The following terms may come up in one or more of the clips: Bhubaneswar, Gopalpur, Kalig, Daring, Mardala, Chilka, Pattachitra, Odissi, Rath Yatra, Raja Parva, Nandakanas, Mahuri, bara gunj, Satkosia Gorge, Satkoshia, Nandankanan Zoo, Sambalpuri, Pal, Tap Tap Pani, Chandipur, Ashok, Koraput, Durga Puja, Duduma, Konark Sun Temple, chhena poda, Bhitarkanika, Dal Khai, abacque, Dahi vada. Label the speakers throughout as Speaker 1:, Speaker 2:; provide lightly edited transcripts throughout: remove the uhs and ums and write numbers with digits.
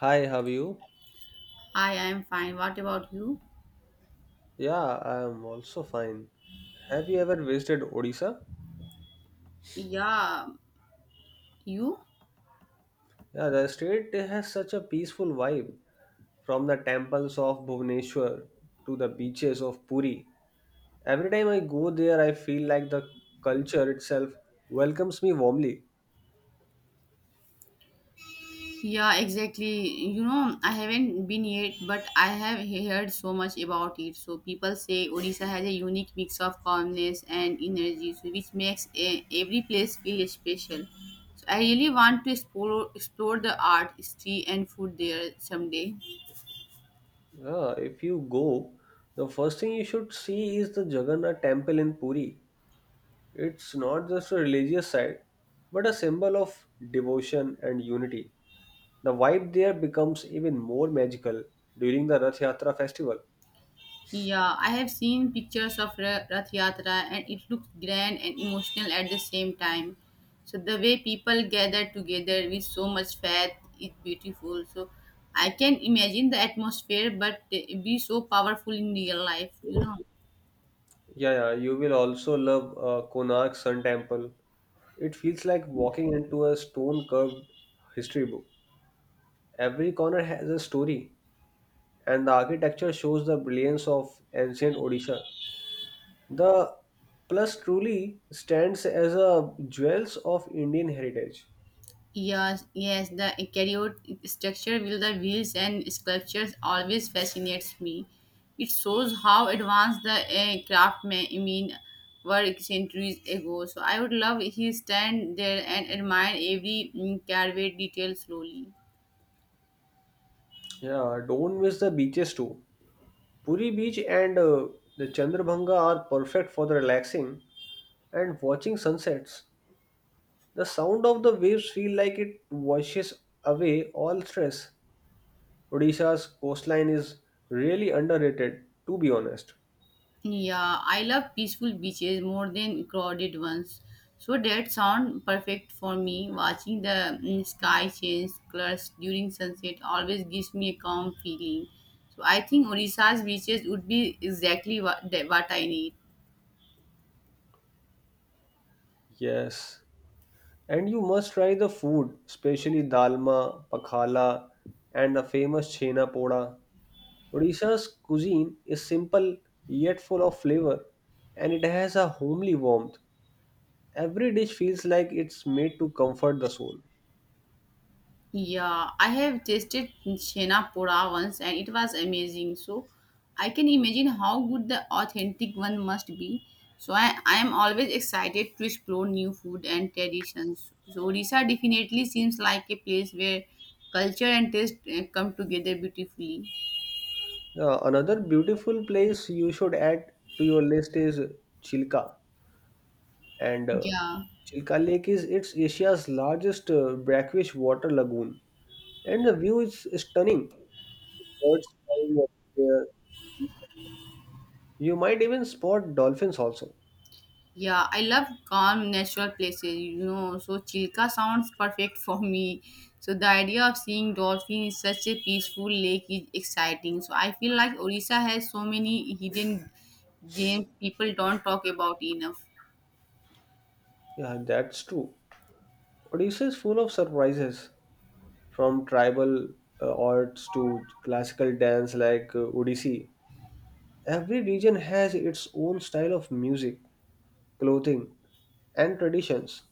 Speaker 1: Hi, how are you?
Speaker 2: Hi, I'm fine. What about you?
Speaker 1: Yeah, I am also fine. Have you ever visited Odisha?
Speaker 2: Yeah, you?
Speaker 1: Yeah, the state has such a peaceful vibe. From the temples of Bhubaneswar to the beaches of Puri. Every time I go there, I feel like the culture itself welcomes me warmly.
Speaker 2: Yeah, exactly. You know, I haven't been yet, but I have heard so much about it. So people say Odisha has a unique mix of calmness and energy, so which makes every place feel special. So I really want to explore the art, history, and food there someday.
Speaker 1: Yeah, if you go, the first thing you should see is the Jagannath temple in Puri. It's not just a religious site, but a symbol of devotion and unity. The vibe there becomes even more magical during the Rath Yatra festival.
Speaker 2: Yeah, I have seen pictures of Rath Yatra and it looks grand and emotional at the same time. So the way people gather together with so much faith is beautiful. So I can imagine the atmosphere but it be so powerful in real life, you know.
Speaker 1: Yeah, yeah, you will also love Konark Sun Temple. It feels like walking into a stone curved history book. Every corner has a story, and the architecture shows the brilliance of ancient Odisha. The plus truly stands as a jewels of Indian heritage.
Speaker 2: Yes, yes, the eukaryote structure with the wheels and sculptures always fascinates me. It shows how advanced the craft may I mean were centuries ago. So I would love if you stand there and admire every carved detail slowly.
Speaker 1: Yeah, don't miss the beaches too. Puri Beach and the Chandrabhanga are perfect for the relaxing and watching sunsets. The sound of the waves feel like it washes away all stress. Odisha's coastline is really underrated, to be honest.
Speaker 2: Yeah, I love peaceful beaches more than crowded ones. So that sound perfect for me. Watching the sky change colors during sunset always gives me a calm feeling. So I think Odisha's beaches would be exactly what I need.
Speaker 1: Yes. And you must try the food, especially dalma, pakhala, and the famous chhena poda. Odisha's cuisine is simple yet full of flavor, and it has a homely warmth. Every dish feels like it's made to comfort the soul.
Speaker 2: Yeah, I have tasted Chhena Pora once and it was amazing. So I can imagine how good the authentic one must be. So I am always excited to explore new food and traditions. So Odisha definitely seems like a place where culture and taste come together beautifully.
Speaker 1: Another beautiful place you should add to your list is Chilka. And
Speaker 2: Yeah.
Speaker 1: Chilka Lake is it's Asia's largest brackish water lagoon. And the view is stunning. Birds flying up there. You might even spot dolphins also.
Speaker 2: Yeah, I love calm natural places, you know. So Chilka sounds perfect for me. So the idea of seeing dolphin in such a peaceful lake is exciting. So I feel like Orissa has so many hidden gems people don't talk about enough.
Speaker 1: Yeah, that's true. Odisha is full of surprises, from tribal arts to classical dance like Odissi. Every region has its own style of music, clothing, and traditions.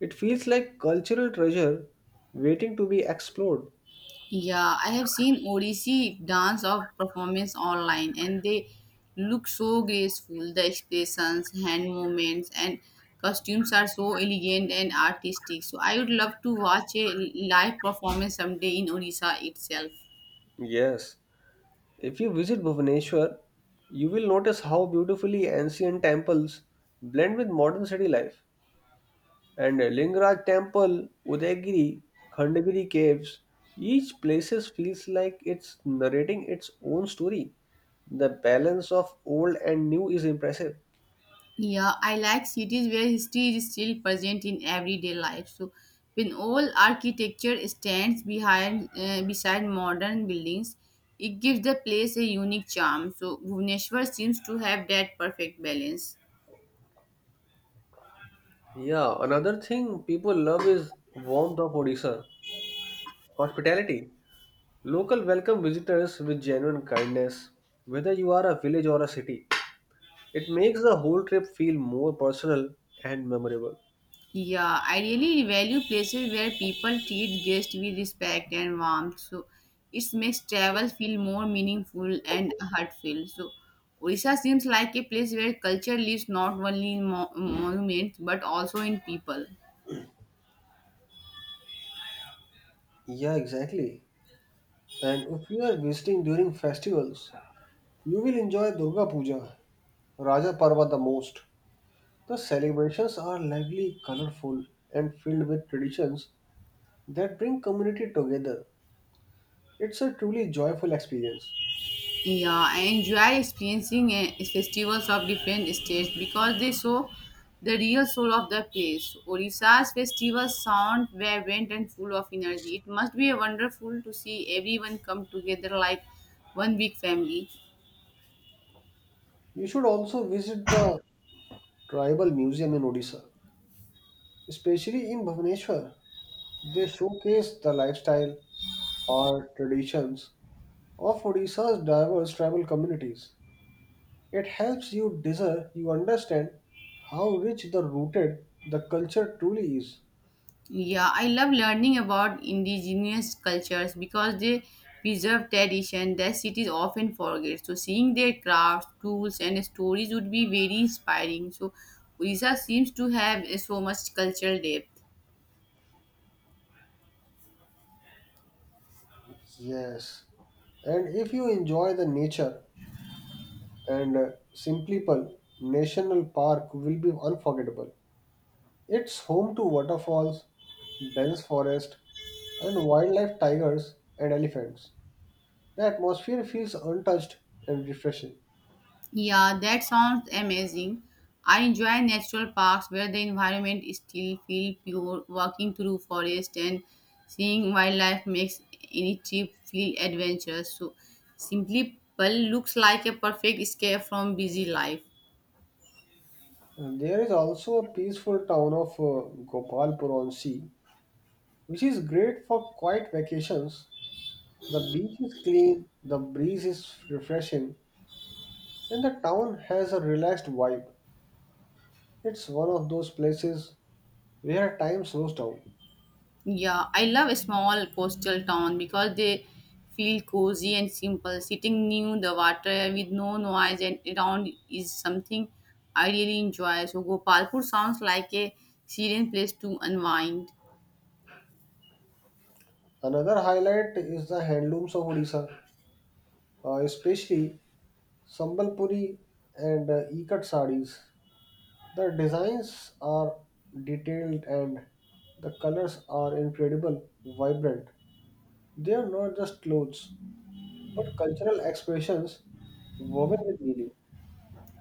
Speaker 1: It feels like cultural treasure waiting to be explored.
Speaker 2: Yeah, I have seen Odissi dance or performance online and they look so graceful. The expressions, hand movements, and costumes are so elegant and artistic. So I would love to watch a live performance someday in Odisha itself.
Speaker 1: Yes, if you visit Bhubaneswar, you will notice how beautifully ancient temples blend with modern city life. And Lingaraj Temple, Udayagiri, Khandagiri Caves, each places feels like it's narrating its own story. The balance of old and new is impressive.
Speaker 2: Yeah, I like cities where history is still present in everyday life. So, when old architecture stands behind beside modern buildings, it gives the place a unique charm. So, Bhubaneswar seems to have that perfect balance.
Speaker 1: Yeah, another thing people love is warmth of Odisha, hospitality. Local welcome visitors with genuine kindness, whether you are a village or a city. It makes the whole trip feel more personal and memorable.
Speaker 2: Yeah, I really value places where people treat guests with respect and warmth. So it makes travel feel more meaningful and heartfelt. So Orissa seems like a place where culture lives not only in monuments but also in people.
Speaker 1: Yeah, exactly. And if you are visiting during festivals, you will enjoy Durga Puja, Raja Parva the most. The celebrations are lively, colorful, and filled with traditions that bring community together. It's a truly joyful experience.
Speaker 2: Yeah, I enjoy experiencing festivals of different states because they show the real soul of the place. Odisha's festivals sound vibrant and full of energy. It must be wonderful to see everyone come together like one big family.
Speaker 1: You should also visit the tribal museum in Odisha, especially in Bhubaneswar. They showcase the lifestyle or traditions of Odisha's diverse tribal communities. It helps you discern, you understand how rich the rooted the culture truly is.
Speaker 2: Yeah, I love learning about indigenous cultures because they preserve tradition that cities often forget. So seeing their crafts, tools, and stories would be very inspiring. So Orissa seems to have so much cultural depth.
Speaker 1: Yes. And if you enjoy the nature and Simplipal National Park will be unforgettable. It's home to waterfalls, dense forest, and wildlife tigers and elephants. The atmosphere feels untouched and refreshing.
Speaker 2: Yeah, that sounds amazing. I enjoy natural parks where the environment still feel pure. Walking through forest and seeing wildlife makes any trip feel adventurous. So, simply Pal looks like a perfect escape from busy life.
Speaker 1: And there is also a peaceful town of Gopalpur on sea, which is great for quiet vacations. The beach is clean, the breeze is refreshing, and the town has a relaxed vibe. It's one of those places where time slows down.
Speaker 2: Yeah, I love a small coastal town because they feel cozy and simple. Sitting near the water with no noise and around is something I really enjoy. So Gopalpur sounds like a serene place to unwind.
Speaker 1: Another highlight is the handlooms of Odisha, especially Sambalpuri and Ikat sarees. The designs are detailed and the colors are incredible, vibrant. They are not just clothes, but cultural expressions woven with meaning.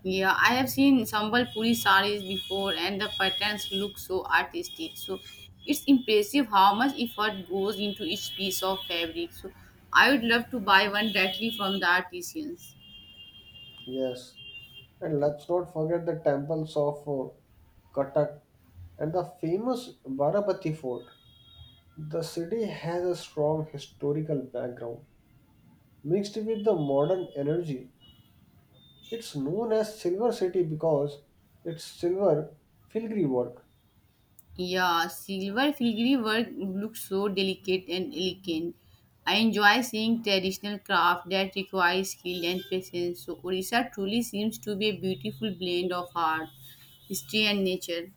Speaker 2: Yeah, I have seen Sambalpuri sarees before and the patterns look so artistic. So it's impressive how much effort goes into each piece of fabric. So I would love to buy one directly from the artisans.
Speaker 1: Yes, and let's not forget the temples of Cuttack and the famous Barapati Fort. The city has a strong historical background mixed with the modern energy. It's known as Silver City because it's silver filigree work.
Speaker 2: Yeah, silver filigree work looks so delicate and elegant. I enjoy seeing traditional craft that requires skill and patience. So Orissa truly seems to be a beautiful blend of art, history, and nature.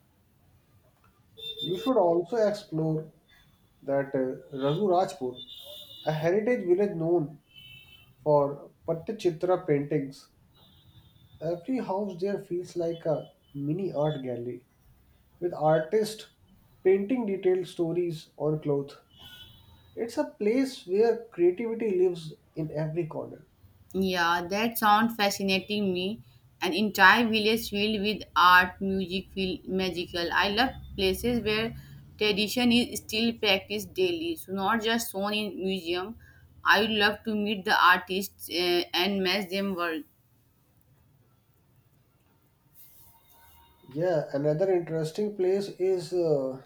Speaker 1: You should also explore that Raghu Rajpur, a heritage village known for Pattachitra paintings. Every house there feels like a mini art gallery with artists painting detailed stories on cloth. It's a place where creativity lives in every corner.
Speaker 2: Yeah, that sound fascinating me. An entire village filled with art, music feel magical. I love places where tradition is still practiced daily, so not just shown in museum. I would love to meet the artists and match them work.
Speaker 1: Yeah, another interesting place is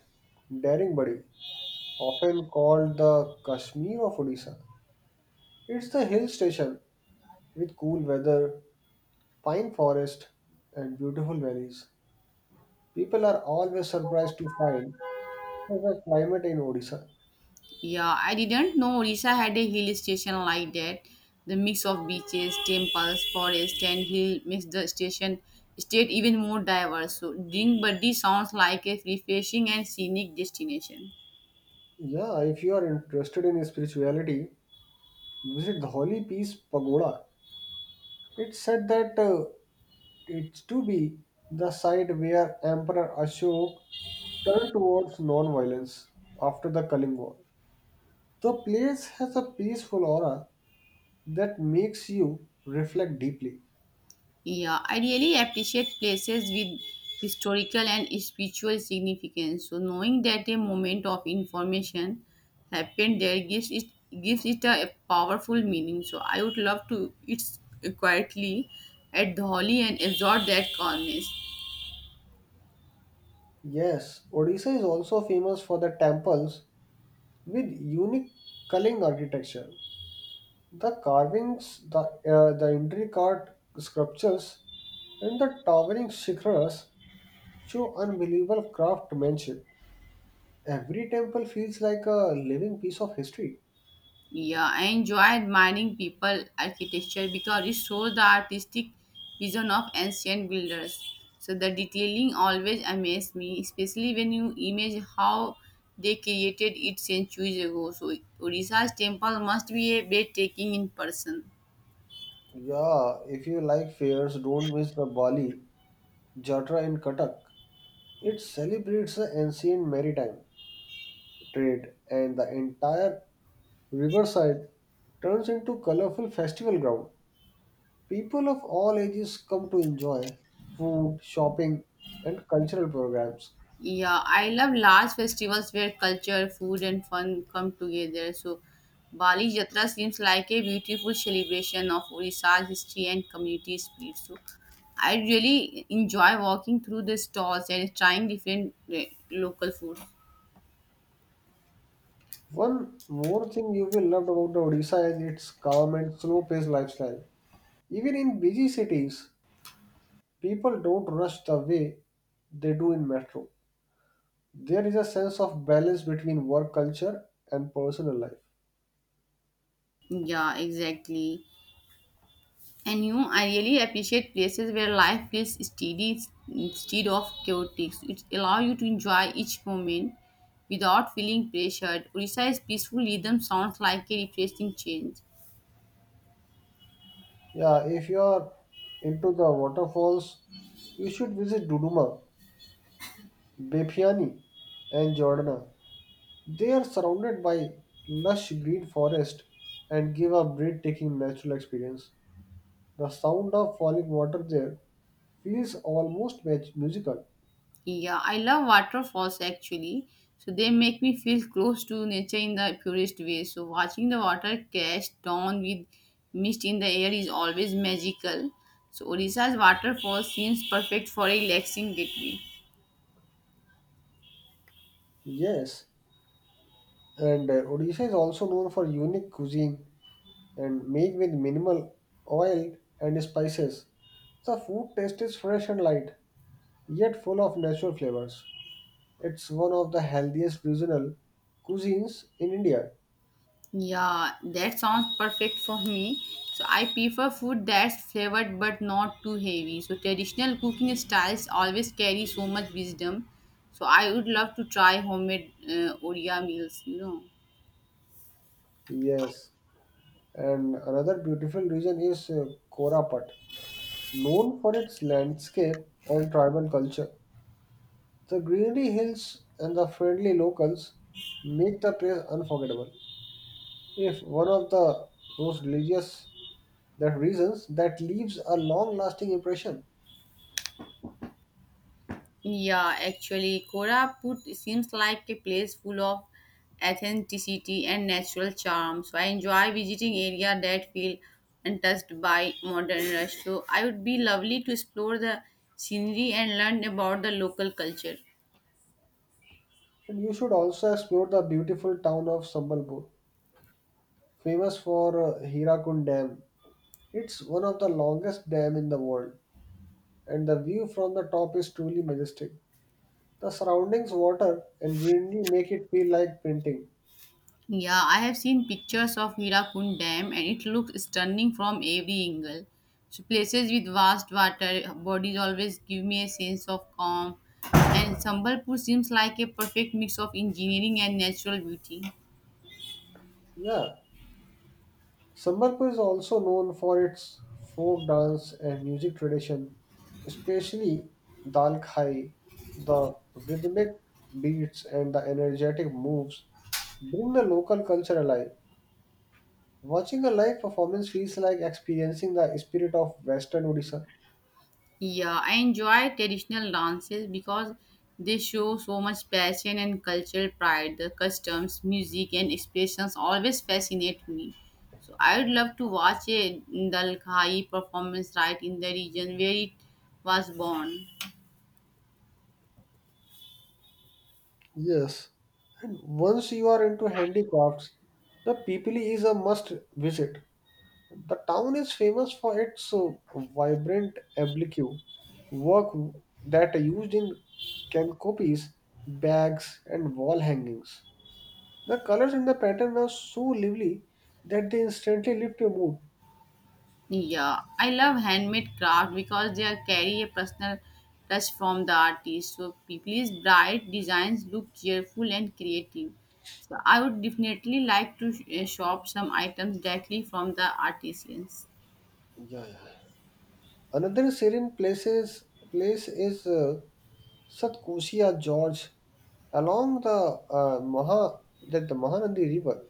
Speaker 1: Daring, often called the Kashmir of Odisha. It's the hill station with cool weather, pine forest, and beautiful valleys. People are always surprised to find such a climate in Odisha.
Speaker 2: Yeah, I didn't know Orissa had a hill station like that. The mix of beaches, temples, forest, and hill makes the station state even more diverse. So, Ding sounds like a refreshing and scenic destination.
Speaker 1: Yeah, if you are interested in spirituality, visit the Holy Peace Pagoda. It's said that it's to be the site where Emperor Ashok turned towards non-violence after the Kaling War. The place has a peaceful aura that makes you reflect deeply.
Speaker 2: Yeah, I really appreciate places with historical and spiritual significance. So knowing that a moment of information happened there gives it a powerful meaning. So I would love to it's quietly at the holy and absorb that calmness.
Speaker 1: Yes, Odisha is also famous for the temples with unique culling architecture. The carvings, the intricate sculptures, and the towering shikharas show unbelievable craftsmanship. Every temple feels like a living piece of history.
Speaker 2: Yeah, I enjoy admiring people architecture because it shows the artistic vision of ancient builders. So the detailing always amazed me, especially when you image how they created it centuries ago. So Odisha's temple must be a breathtaking in person.
Speaker 1: Yeah, if you like fairs, don't miss the Bali, Jatra, in Katak. It celebrates the ancient maritime trade, and the entire riverside turns into colorful festival ground. People of all ages come to enjoy food, shopping, and cultural programs.
Speaker 2: Yeah, I love large festivals where culture, food, and fun come together. So, Bali Jatra seems like a beautiful celebration of Odisha's history and community spirit. So, I really enjoy walking through the stalls and trying different local food.
Speaker 1: One more thing you will love about the Odisha is its calm and slow-paced lifestyle. Even in busy cities, people don't rush the way they do in metro. There is a sense of balance between work culture and personal life.
Speaker 2: Yeah, exactly. And you, I really appreciate places where life feels steady instead of chaotic. It allows you to enjoy each moment without feeling pressured. Orissa's peaceful rhythm sounds like a refreshing change.
Speaker 1: Yeah, if you are into the waterfalls, you should visit Duduma, Bepiani, and Jordana. They are surrounded by lush green forest and give a breathtaking natural experience. The sound of falling water there feels almost musical.
Speaker 2: Yeah, I love waterfalls actually. So they make me feel close to nature in the purest way. So watching the water crash down with mist in the air is always magical. So Orissa's waterfall seems perfect for a relaxing getaway.
Speaker 1: Yes, and Odisha is also known for unique cuisine and made with minimal oil and spices. The food taste is fresh and light, yet full of natural flavors. It's one of the healthiest regional cuisines in India.
Speaker 2: Yeah, that sounds perfect for me. So I prefer food that's flavored but not too heavy. So traditional cooking styles always carry so much wisdom. So I would love to try homemade Odia meals, you know.
Speaker 1: Yes. And another beautiful region is Korapat, known for its landscape and tribal culture. The greenery hills and the friendly locals make the place unforgettable. If one of the those religious that reasons that leaves a long-lasting impression.
Speaker 2: Yeah, actually, Koraput seems like a place full of authenticity and natural charm. So I enjoy visiting area that feel untouched by modern rush. So I would be lovely to explore the scenery and learn about the local culture.
Speaker 1: And you should also explore the beautiful town of Sambalpur, famous for Hirakund Dam. It's one of the longest dam in the world, and the view from the top is truly majestic. The surroundings water and greenery make it feel like painting.
Speaker 2: Yeah, I have seen pictures of Hirakund Dam and it looks stunning from every angle. So places with vast water bodies always give me a sense of calm and Sambalpur seems like a perfect mix of engineering and natural beauty.
Speaker 1: Yeah, Sambalpur is also known for its folk dance and music tradition, especially Dal Khai. The rhythmic beats and the energetic moves bring the local culture alive. Watching a live performance feels like experiencing the spirit of Western Odisha.
Speaker 2: Yeah, I enjoy traditional dances because they show so much passion and cultural pride. The customs, music, and expressions always fascinate me. So I would love to watch a Dalkhai performance right in the region where it was born.
Speaker 1: Yes, and once you are into handicrafts, the Pipili is a must visit. The town is famous for its vibrant abacque work that are used in canopies, bags, and wall hangings. The colors and the pattern are so lively that they instantly lift your mood.
Speaker 2: Yeah, I love handmade craft because they are carry a personal touch from the artist. So people's bright designs look cheerful and creative. So I would definitely like to shop some items directly from the artisans.
Speaker 1: Yeah, yeah. Another serene place is Satkosia Gorge along the Maha that the Mahanadi River.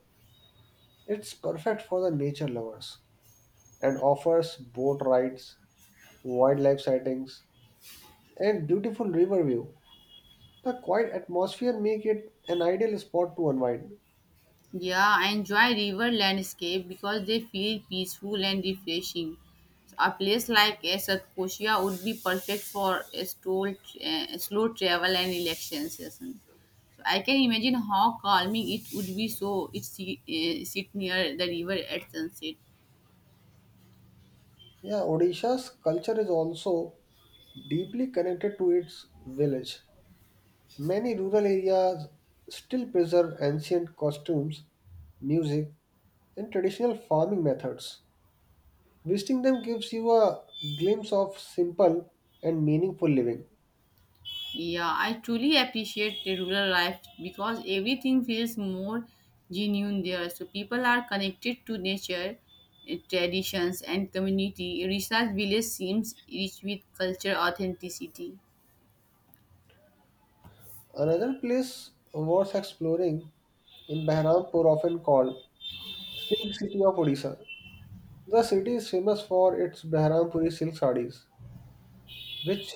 Speaker 1: It's perfect for the nature lovers and offers boat rides, wildlife sightings, and beautiful river view. The quiet atmosphere make it an ideal spot to unwind.
Speaker 2: Yeah, I enjoy river landscape because they feel peaceful and refreshing. So a place like Satkoshia would be perfect for a slow travel and relaxation session. I can imagine how calming it would be so it sit near the river at sunset.
Speaker 1: Yeah, Odisha's culture is also deeply connected to its village. Many rural areas still preserve ancient costumes, music, and traditional farming methods. Visiting them gives you a glimpse of simple and meaningful living.
Speaker 2: Yeah, I truly appreciate the rural life because everything feels more genuine there. So people are connected to nature, traditions and community. Risa's village seems rich with culture authenticity.
Speaker 1: Another place worth exploring in Bahrampur, often called Silk City of Odisha. The city is famous for its Bahrampuri silk sarees, which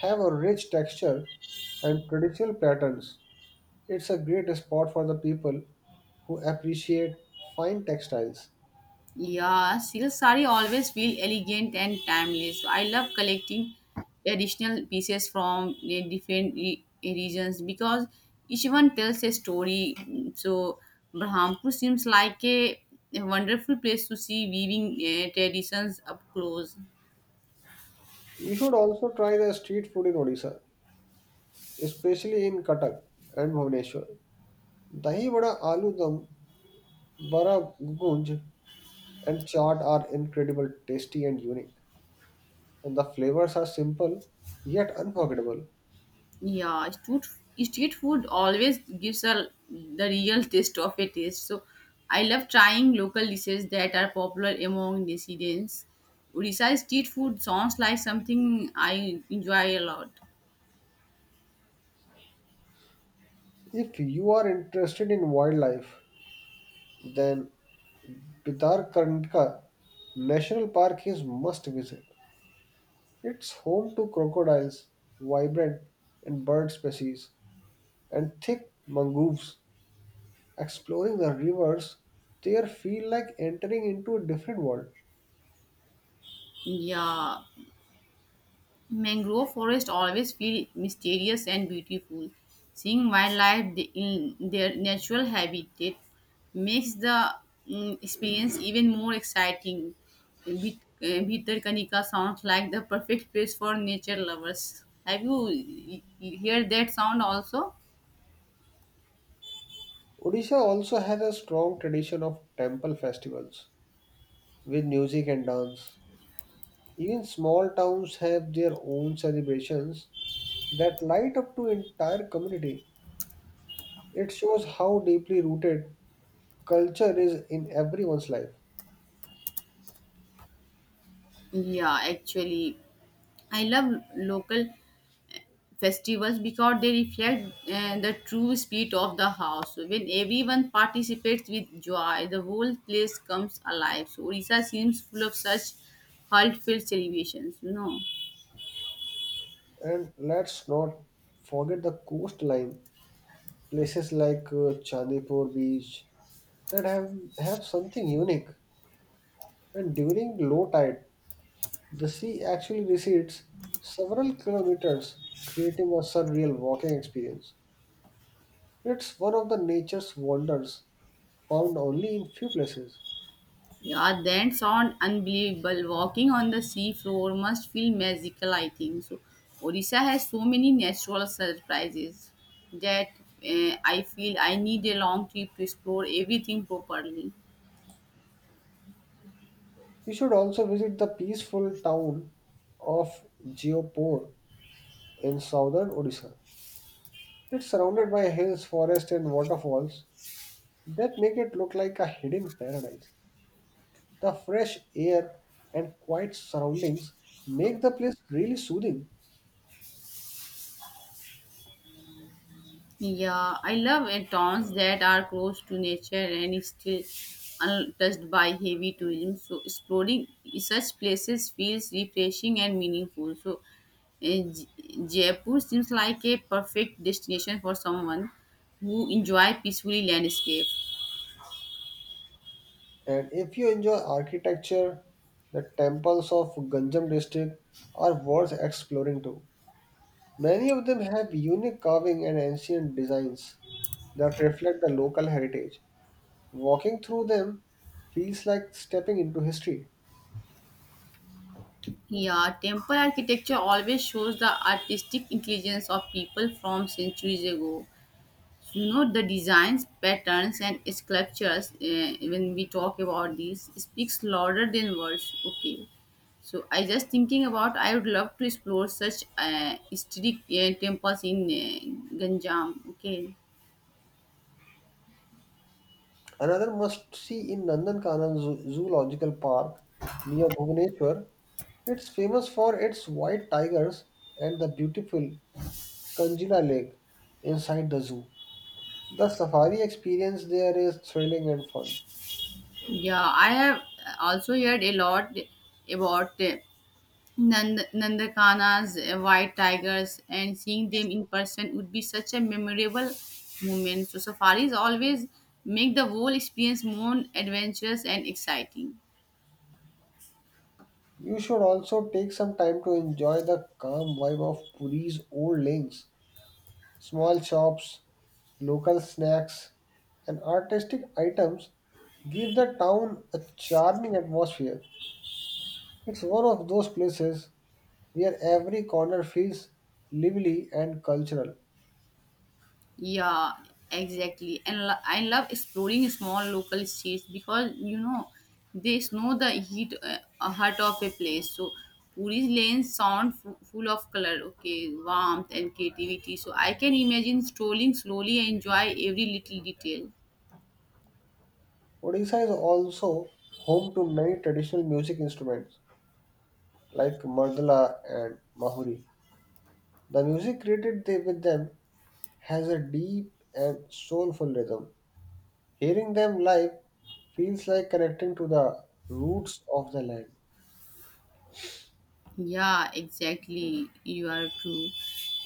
Speaker 1: have a rich texture and traditional patterns. It's a great spot for the people who appreciate fine textiles.
Speaker 2: Yeah, silk sari always feel elegant and timeless. I love collecting traditional pieces from the different regions because each one tells a story. So Brahmanpur seems like a wonderful place to see weaving traditions up close.
Speaker 1: You should also try the street food in Odisha, especially in Cuttack and Bhubaneswar. Dahi vada, aloo dum, bara gunj, and chaat are incredible, tasty and unique. And the flavors are simple yet unforgettable.
Speaker 2: Yeah, street food always gives a the real taste of a taste. So I love trying local dishes that are popular among residents. Odisha street food sounds like something I enjoy a lot.
Speaker 1: If you are interested in wildlife, then Pitar Karnika National Park is must visit. It's home to crocodiles, vibrant and bird species, and thick mangroves. Exploring the rivers there feel like entering into a different world.
Speaker 2: Yeah, Mangrove forests always feel mysterious and beautiful. Seeing wildlife in their natural habitat makes the experience even more exciting. Bhitarkanika sounds like the perfect place for nature lovers. Have you heard that sound also?
Speaker 1: Odisha also has a strong tradition of temple festivals with music and dance. Even small towns have their own celebrations that light up to entire community. It shows how deeply rooted culture is in everyone's life.
Speaker 2: Yeah, actually, I love local festivals because they reflect the true spirit of the house. When everyone participates with joy, the whole place comes alive. So Orissa seems full of such heartfelt celebrations, you know.
Speaker 1: And let's not forget the coastline, places like Chandipur beach that have something unique. And during low tide, the sea actually recedes several kilometers, creating a surreal walking experience. It's one of the nature's wonders found only in few places.
Speaker 2: Yeah, then sound unbelievable. Walking on the sea floor must feel magical, I think. So Orissa has so many natural surprises that I feel I need a long trip to explore everything properly.
Speaker 1: You should also visit the peaceful town of Geopur in southern Odisha. It's surrounded by hills, forests, and waterfalls that make it look like a hidden paradise. The fresh air and quiet surroundings make the place really soothing.
Speaker 2: Yeah, I love towns that are close to nature and is still untouched by heavy tourism. So exploring such places feels refreshing and meaningful. So J- Jaipur seems like a perfect destination for someone who enjoy peacefully landscape.
Speaker 1: And if you enjoy architecture, the temples of Ganjam district are worth exploring too. Many of them have unique carving and ancient designs that reflect the local heritage. Walking through them feels like stepping into history.
Speaker 2: Yeah, temple architecture always shows the artistic intelligence of people from centuries ago. You know, the designs patterns and sculptures when we talk about these speaks louder than words. Okay, so I just thinking about I would love to explore such historic temples in Ganjam. Okay,
Speaker 1: Another must see in Zoological Park near Bhubaneswar. It's famous for its white tigers and the beautiful Kanjila Lake inside the zoo. The safari experience there is thrilling and fun.
Speaker 2: yeah, I have also heard a lot about Nandakanas, white tigers, and seeing them in person would be such a memorable moment. So, safaris always make the whole experience more adventurous and exciting.
Speaker 1: You should also take some time to enjoy the calm vibe of Puri's old lanes, small shops, local snacks, and artistic items give the town a charming atmosphere. It's one of those places where every corner feels lively and cultural.
Speaker 2: Yeah, exactly. And I love exploring small local streets because you know they know the heart of a place. So, Puri's lanes sound full of color, okay, warmth and creativity. So, I can imagine strolling slowly and enjoy every little detail.
Speaker 1: Odisha is also home to many traditional music instruments like Mardala and Mahuri. The music created with them has a deep and soulful rhythm. Hearing them live feels like connecting to the roots of the land.
Speaker 2: Yeah, exactly. You are true.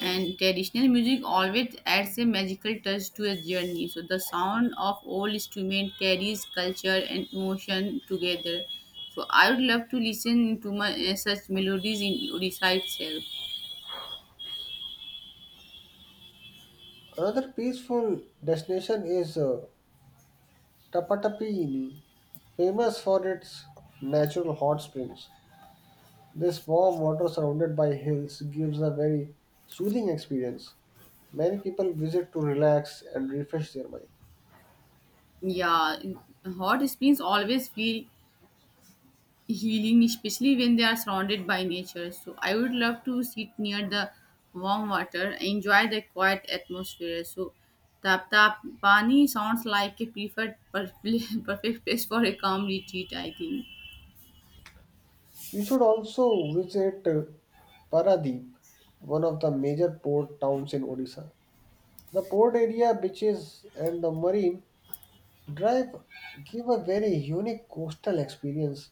Speaker 2: And traditional music always adds a magical touch to a journey. So the sound of old instrument carries culture and emotion together. So I would love to listen to my such melodies in Odisha itself.
Speaker 1: Another peaceful destination is Tapatapini, famous for its natural hot springs. This warm water surrounded by hills gives a very soothing experience. Many people visit to relax and refresh their mind.
Speaker 2: Yeah, hot springs always feel healing, especially when they are surrounded by nature. So I would love to sit near the warm water, enjoy the quiet atmosphere. So tap tap pani sounds like a perfect place for a calm retreat. I think.
Speaker 1: You should also visit Paradeep, one of the major port towns in Odisha. The port area, beaches, and the marine drive give a very unique coastal experience.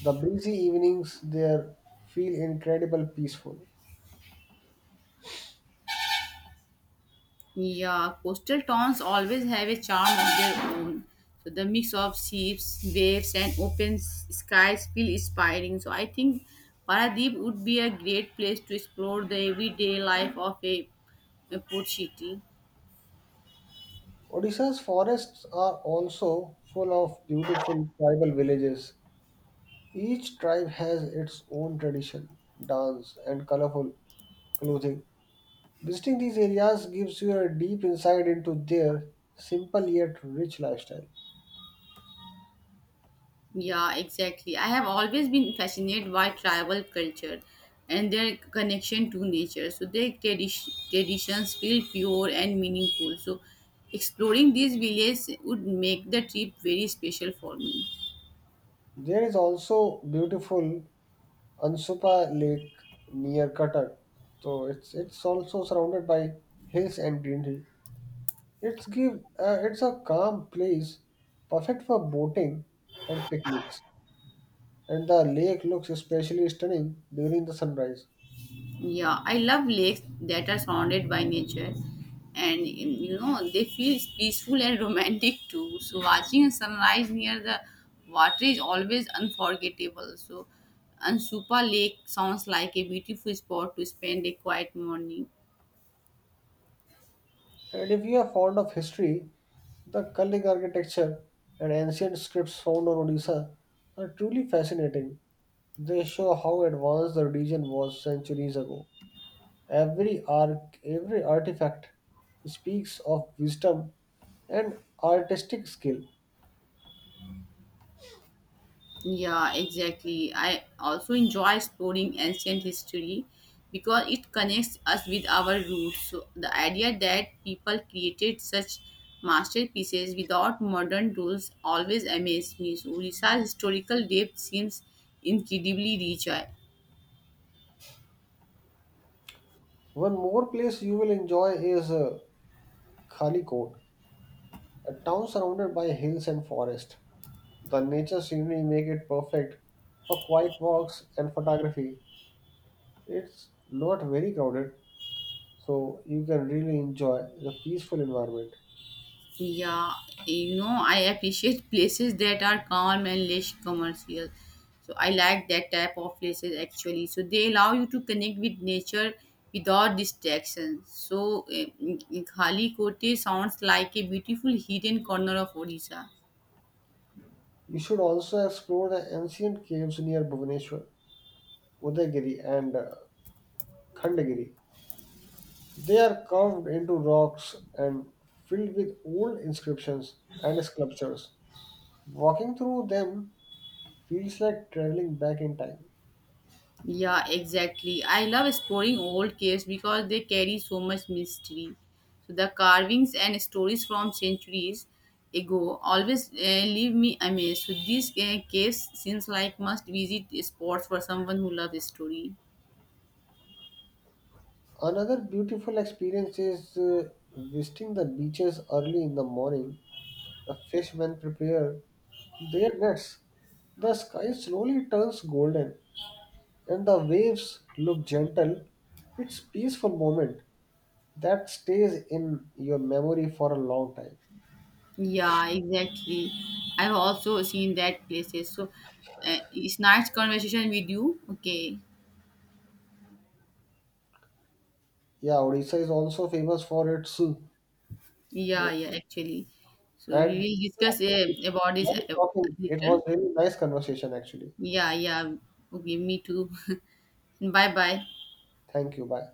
Speaker 1: The breezy evenings there feel incredible peaceful.
Speaker 2: Yeah, coastal towns always have a charm of their own. So the mix of ships, waves, and open skies feel inspiring. So I think Paradeep would be a great place to explore the everyday life of a port city.
Speaker 1: Odisha's forests are also full of beautiful tribal villages. Each tribe has its own tradition, dance, and colorful clothing. Visiting these areas gives you a deep insight into their simple yet rich lifestyle.
Speaker 2: Yeah, exactly. I have always been fascinated by tribal culture and their connection to nature. So traditions feel pure and meaningful. So exploring these villages would make the trip very special for me.
Speaker 1: There is also beautiful Ansupa Lake near Cuttack, so it's also surrounded by hills and greenery. It's a calm place, perfect for boating and picnics, and the lake looks especially stunning during the sunrise.
Speaker 2: Yeah, I love lakes that are surrounded by nature, and you know they feel peaceful and romantic too. So watching a sunrise near the water is always unforgettable. So Ansupa Lake sounds like a beautiful spot to spend a quiet morning.
Speaker 1: And if you are fond of history, the Kalig architecture and ancient scripts found on Odisha are truly fascinating. They show how advanced the region was centuries ago. Every artifact speaks of wisdom and artistic skill.
Speaker 2: Yeah, exactly. I also enjoy exploring ancient history because it connects us with our roots. So the idea that people created such masterpieces without modern tools always amazes me. So Uड़ीsa's historical depth seems incredibly rich.
Speaker 1: One more place you will enjoy is Khalikot, a town surrounded by hills and forest. The nature scenery make it perfect for quiet walks and photography. It's not very crowded, so you can really enjoy the peaceful environment.
Speaker 2: Yeah, you know, I appreciate places that are calm and less commercial. So I like that type of places actually. So they allow you to connect with nature without distractions. So Khali Kote sounds like a beautiful hidden corner of Odisha.
Speaker 1: You should also explore the ancient caves near Bhubaneswar, Udayagiri, and Khandagiri. They are carved into rocks and filled with old inscriptions and sculptures. Walking through them feels like traveling back in time.
Speaker 2: Yeah, exactly. I love exploring old caves because they carry so much mystery. So the carvings and stories from centuries ago always leave me amazed. So these caves seems like must visit spots for someone who loves history.
Speaker 1: Another beautiful experience is visiting the beaches early in the morning. The fishmen prepare their nets. The sky slowly turns golden and the waves look gentle. It's peaceful moment that stays in your memory for a long time.
Speaker 2: Yeah, exactly. I've also seen that places. So it's nice conversation with you. Okay.
Speaker 1: Yeah, Odisha is also famous for its
Speaker 2: Yeah, yeah, actually. So we
Speaker 1: and
Speaker 2: will discuss about this
Speaker 1: nice talking. It
Speaker 2: later.
Speaker 1: was really nice conversation actually.
Speaker 2: Yeah, yeah. Okay, me too. Bye bye.
Speaker 1: Thank you. Bye.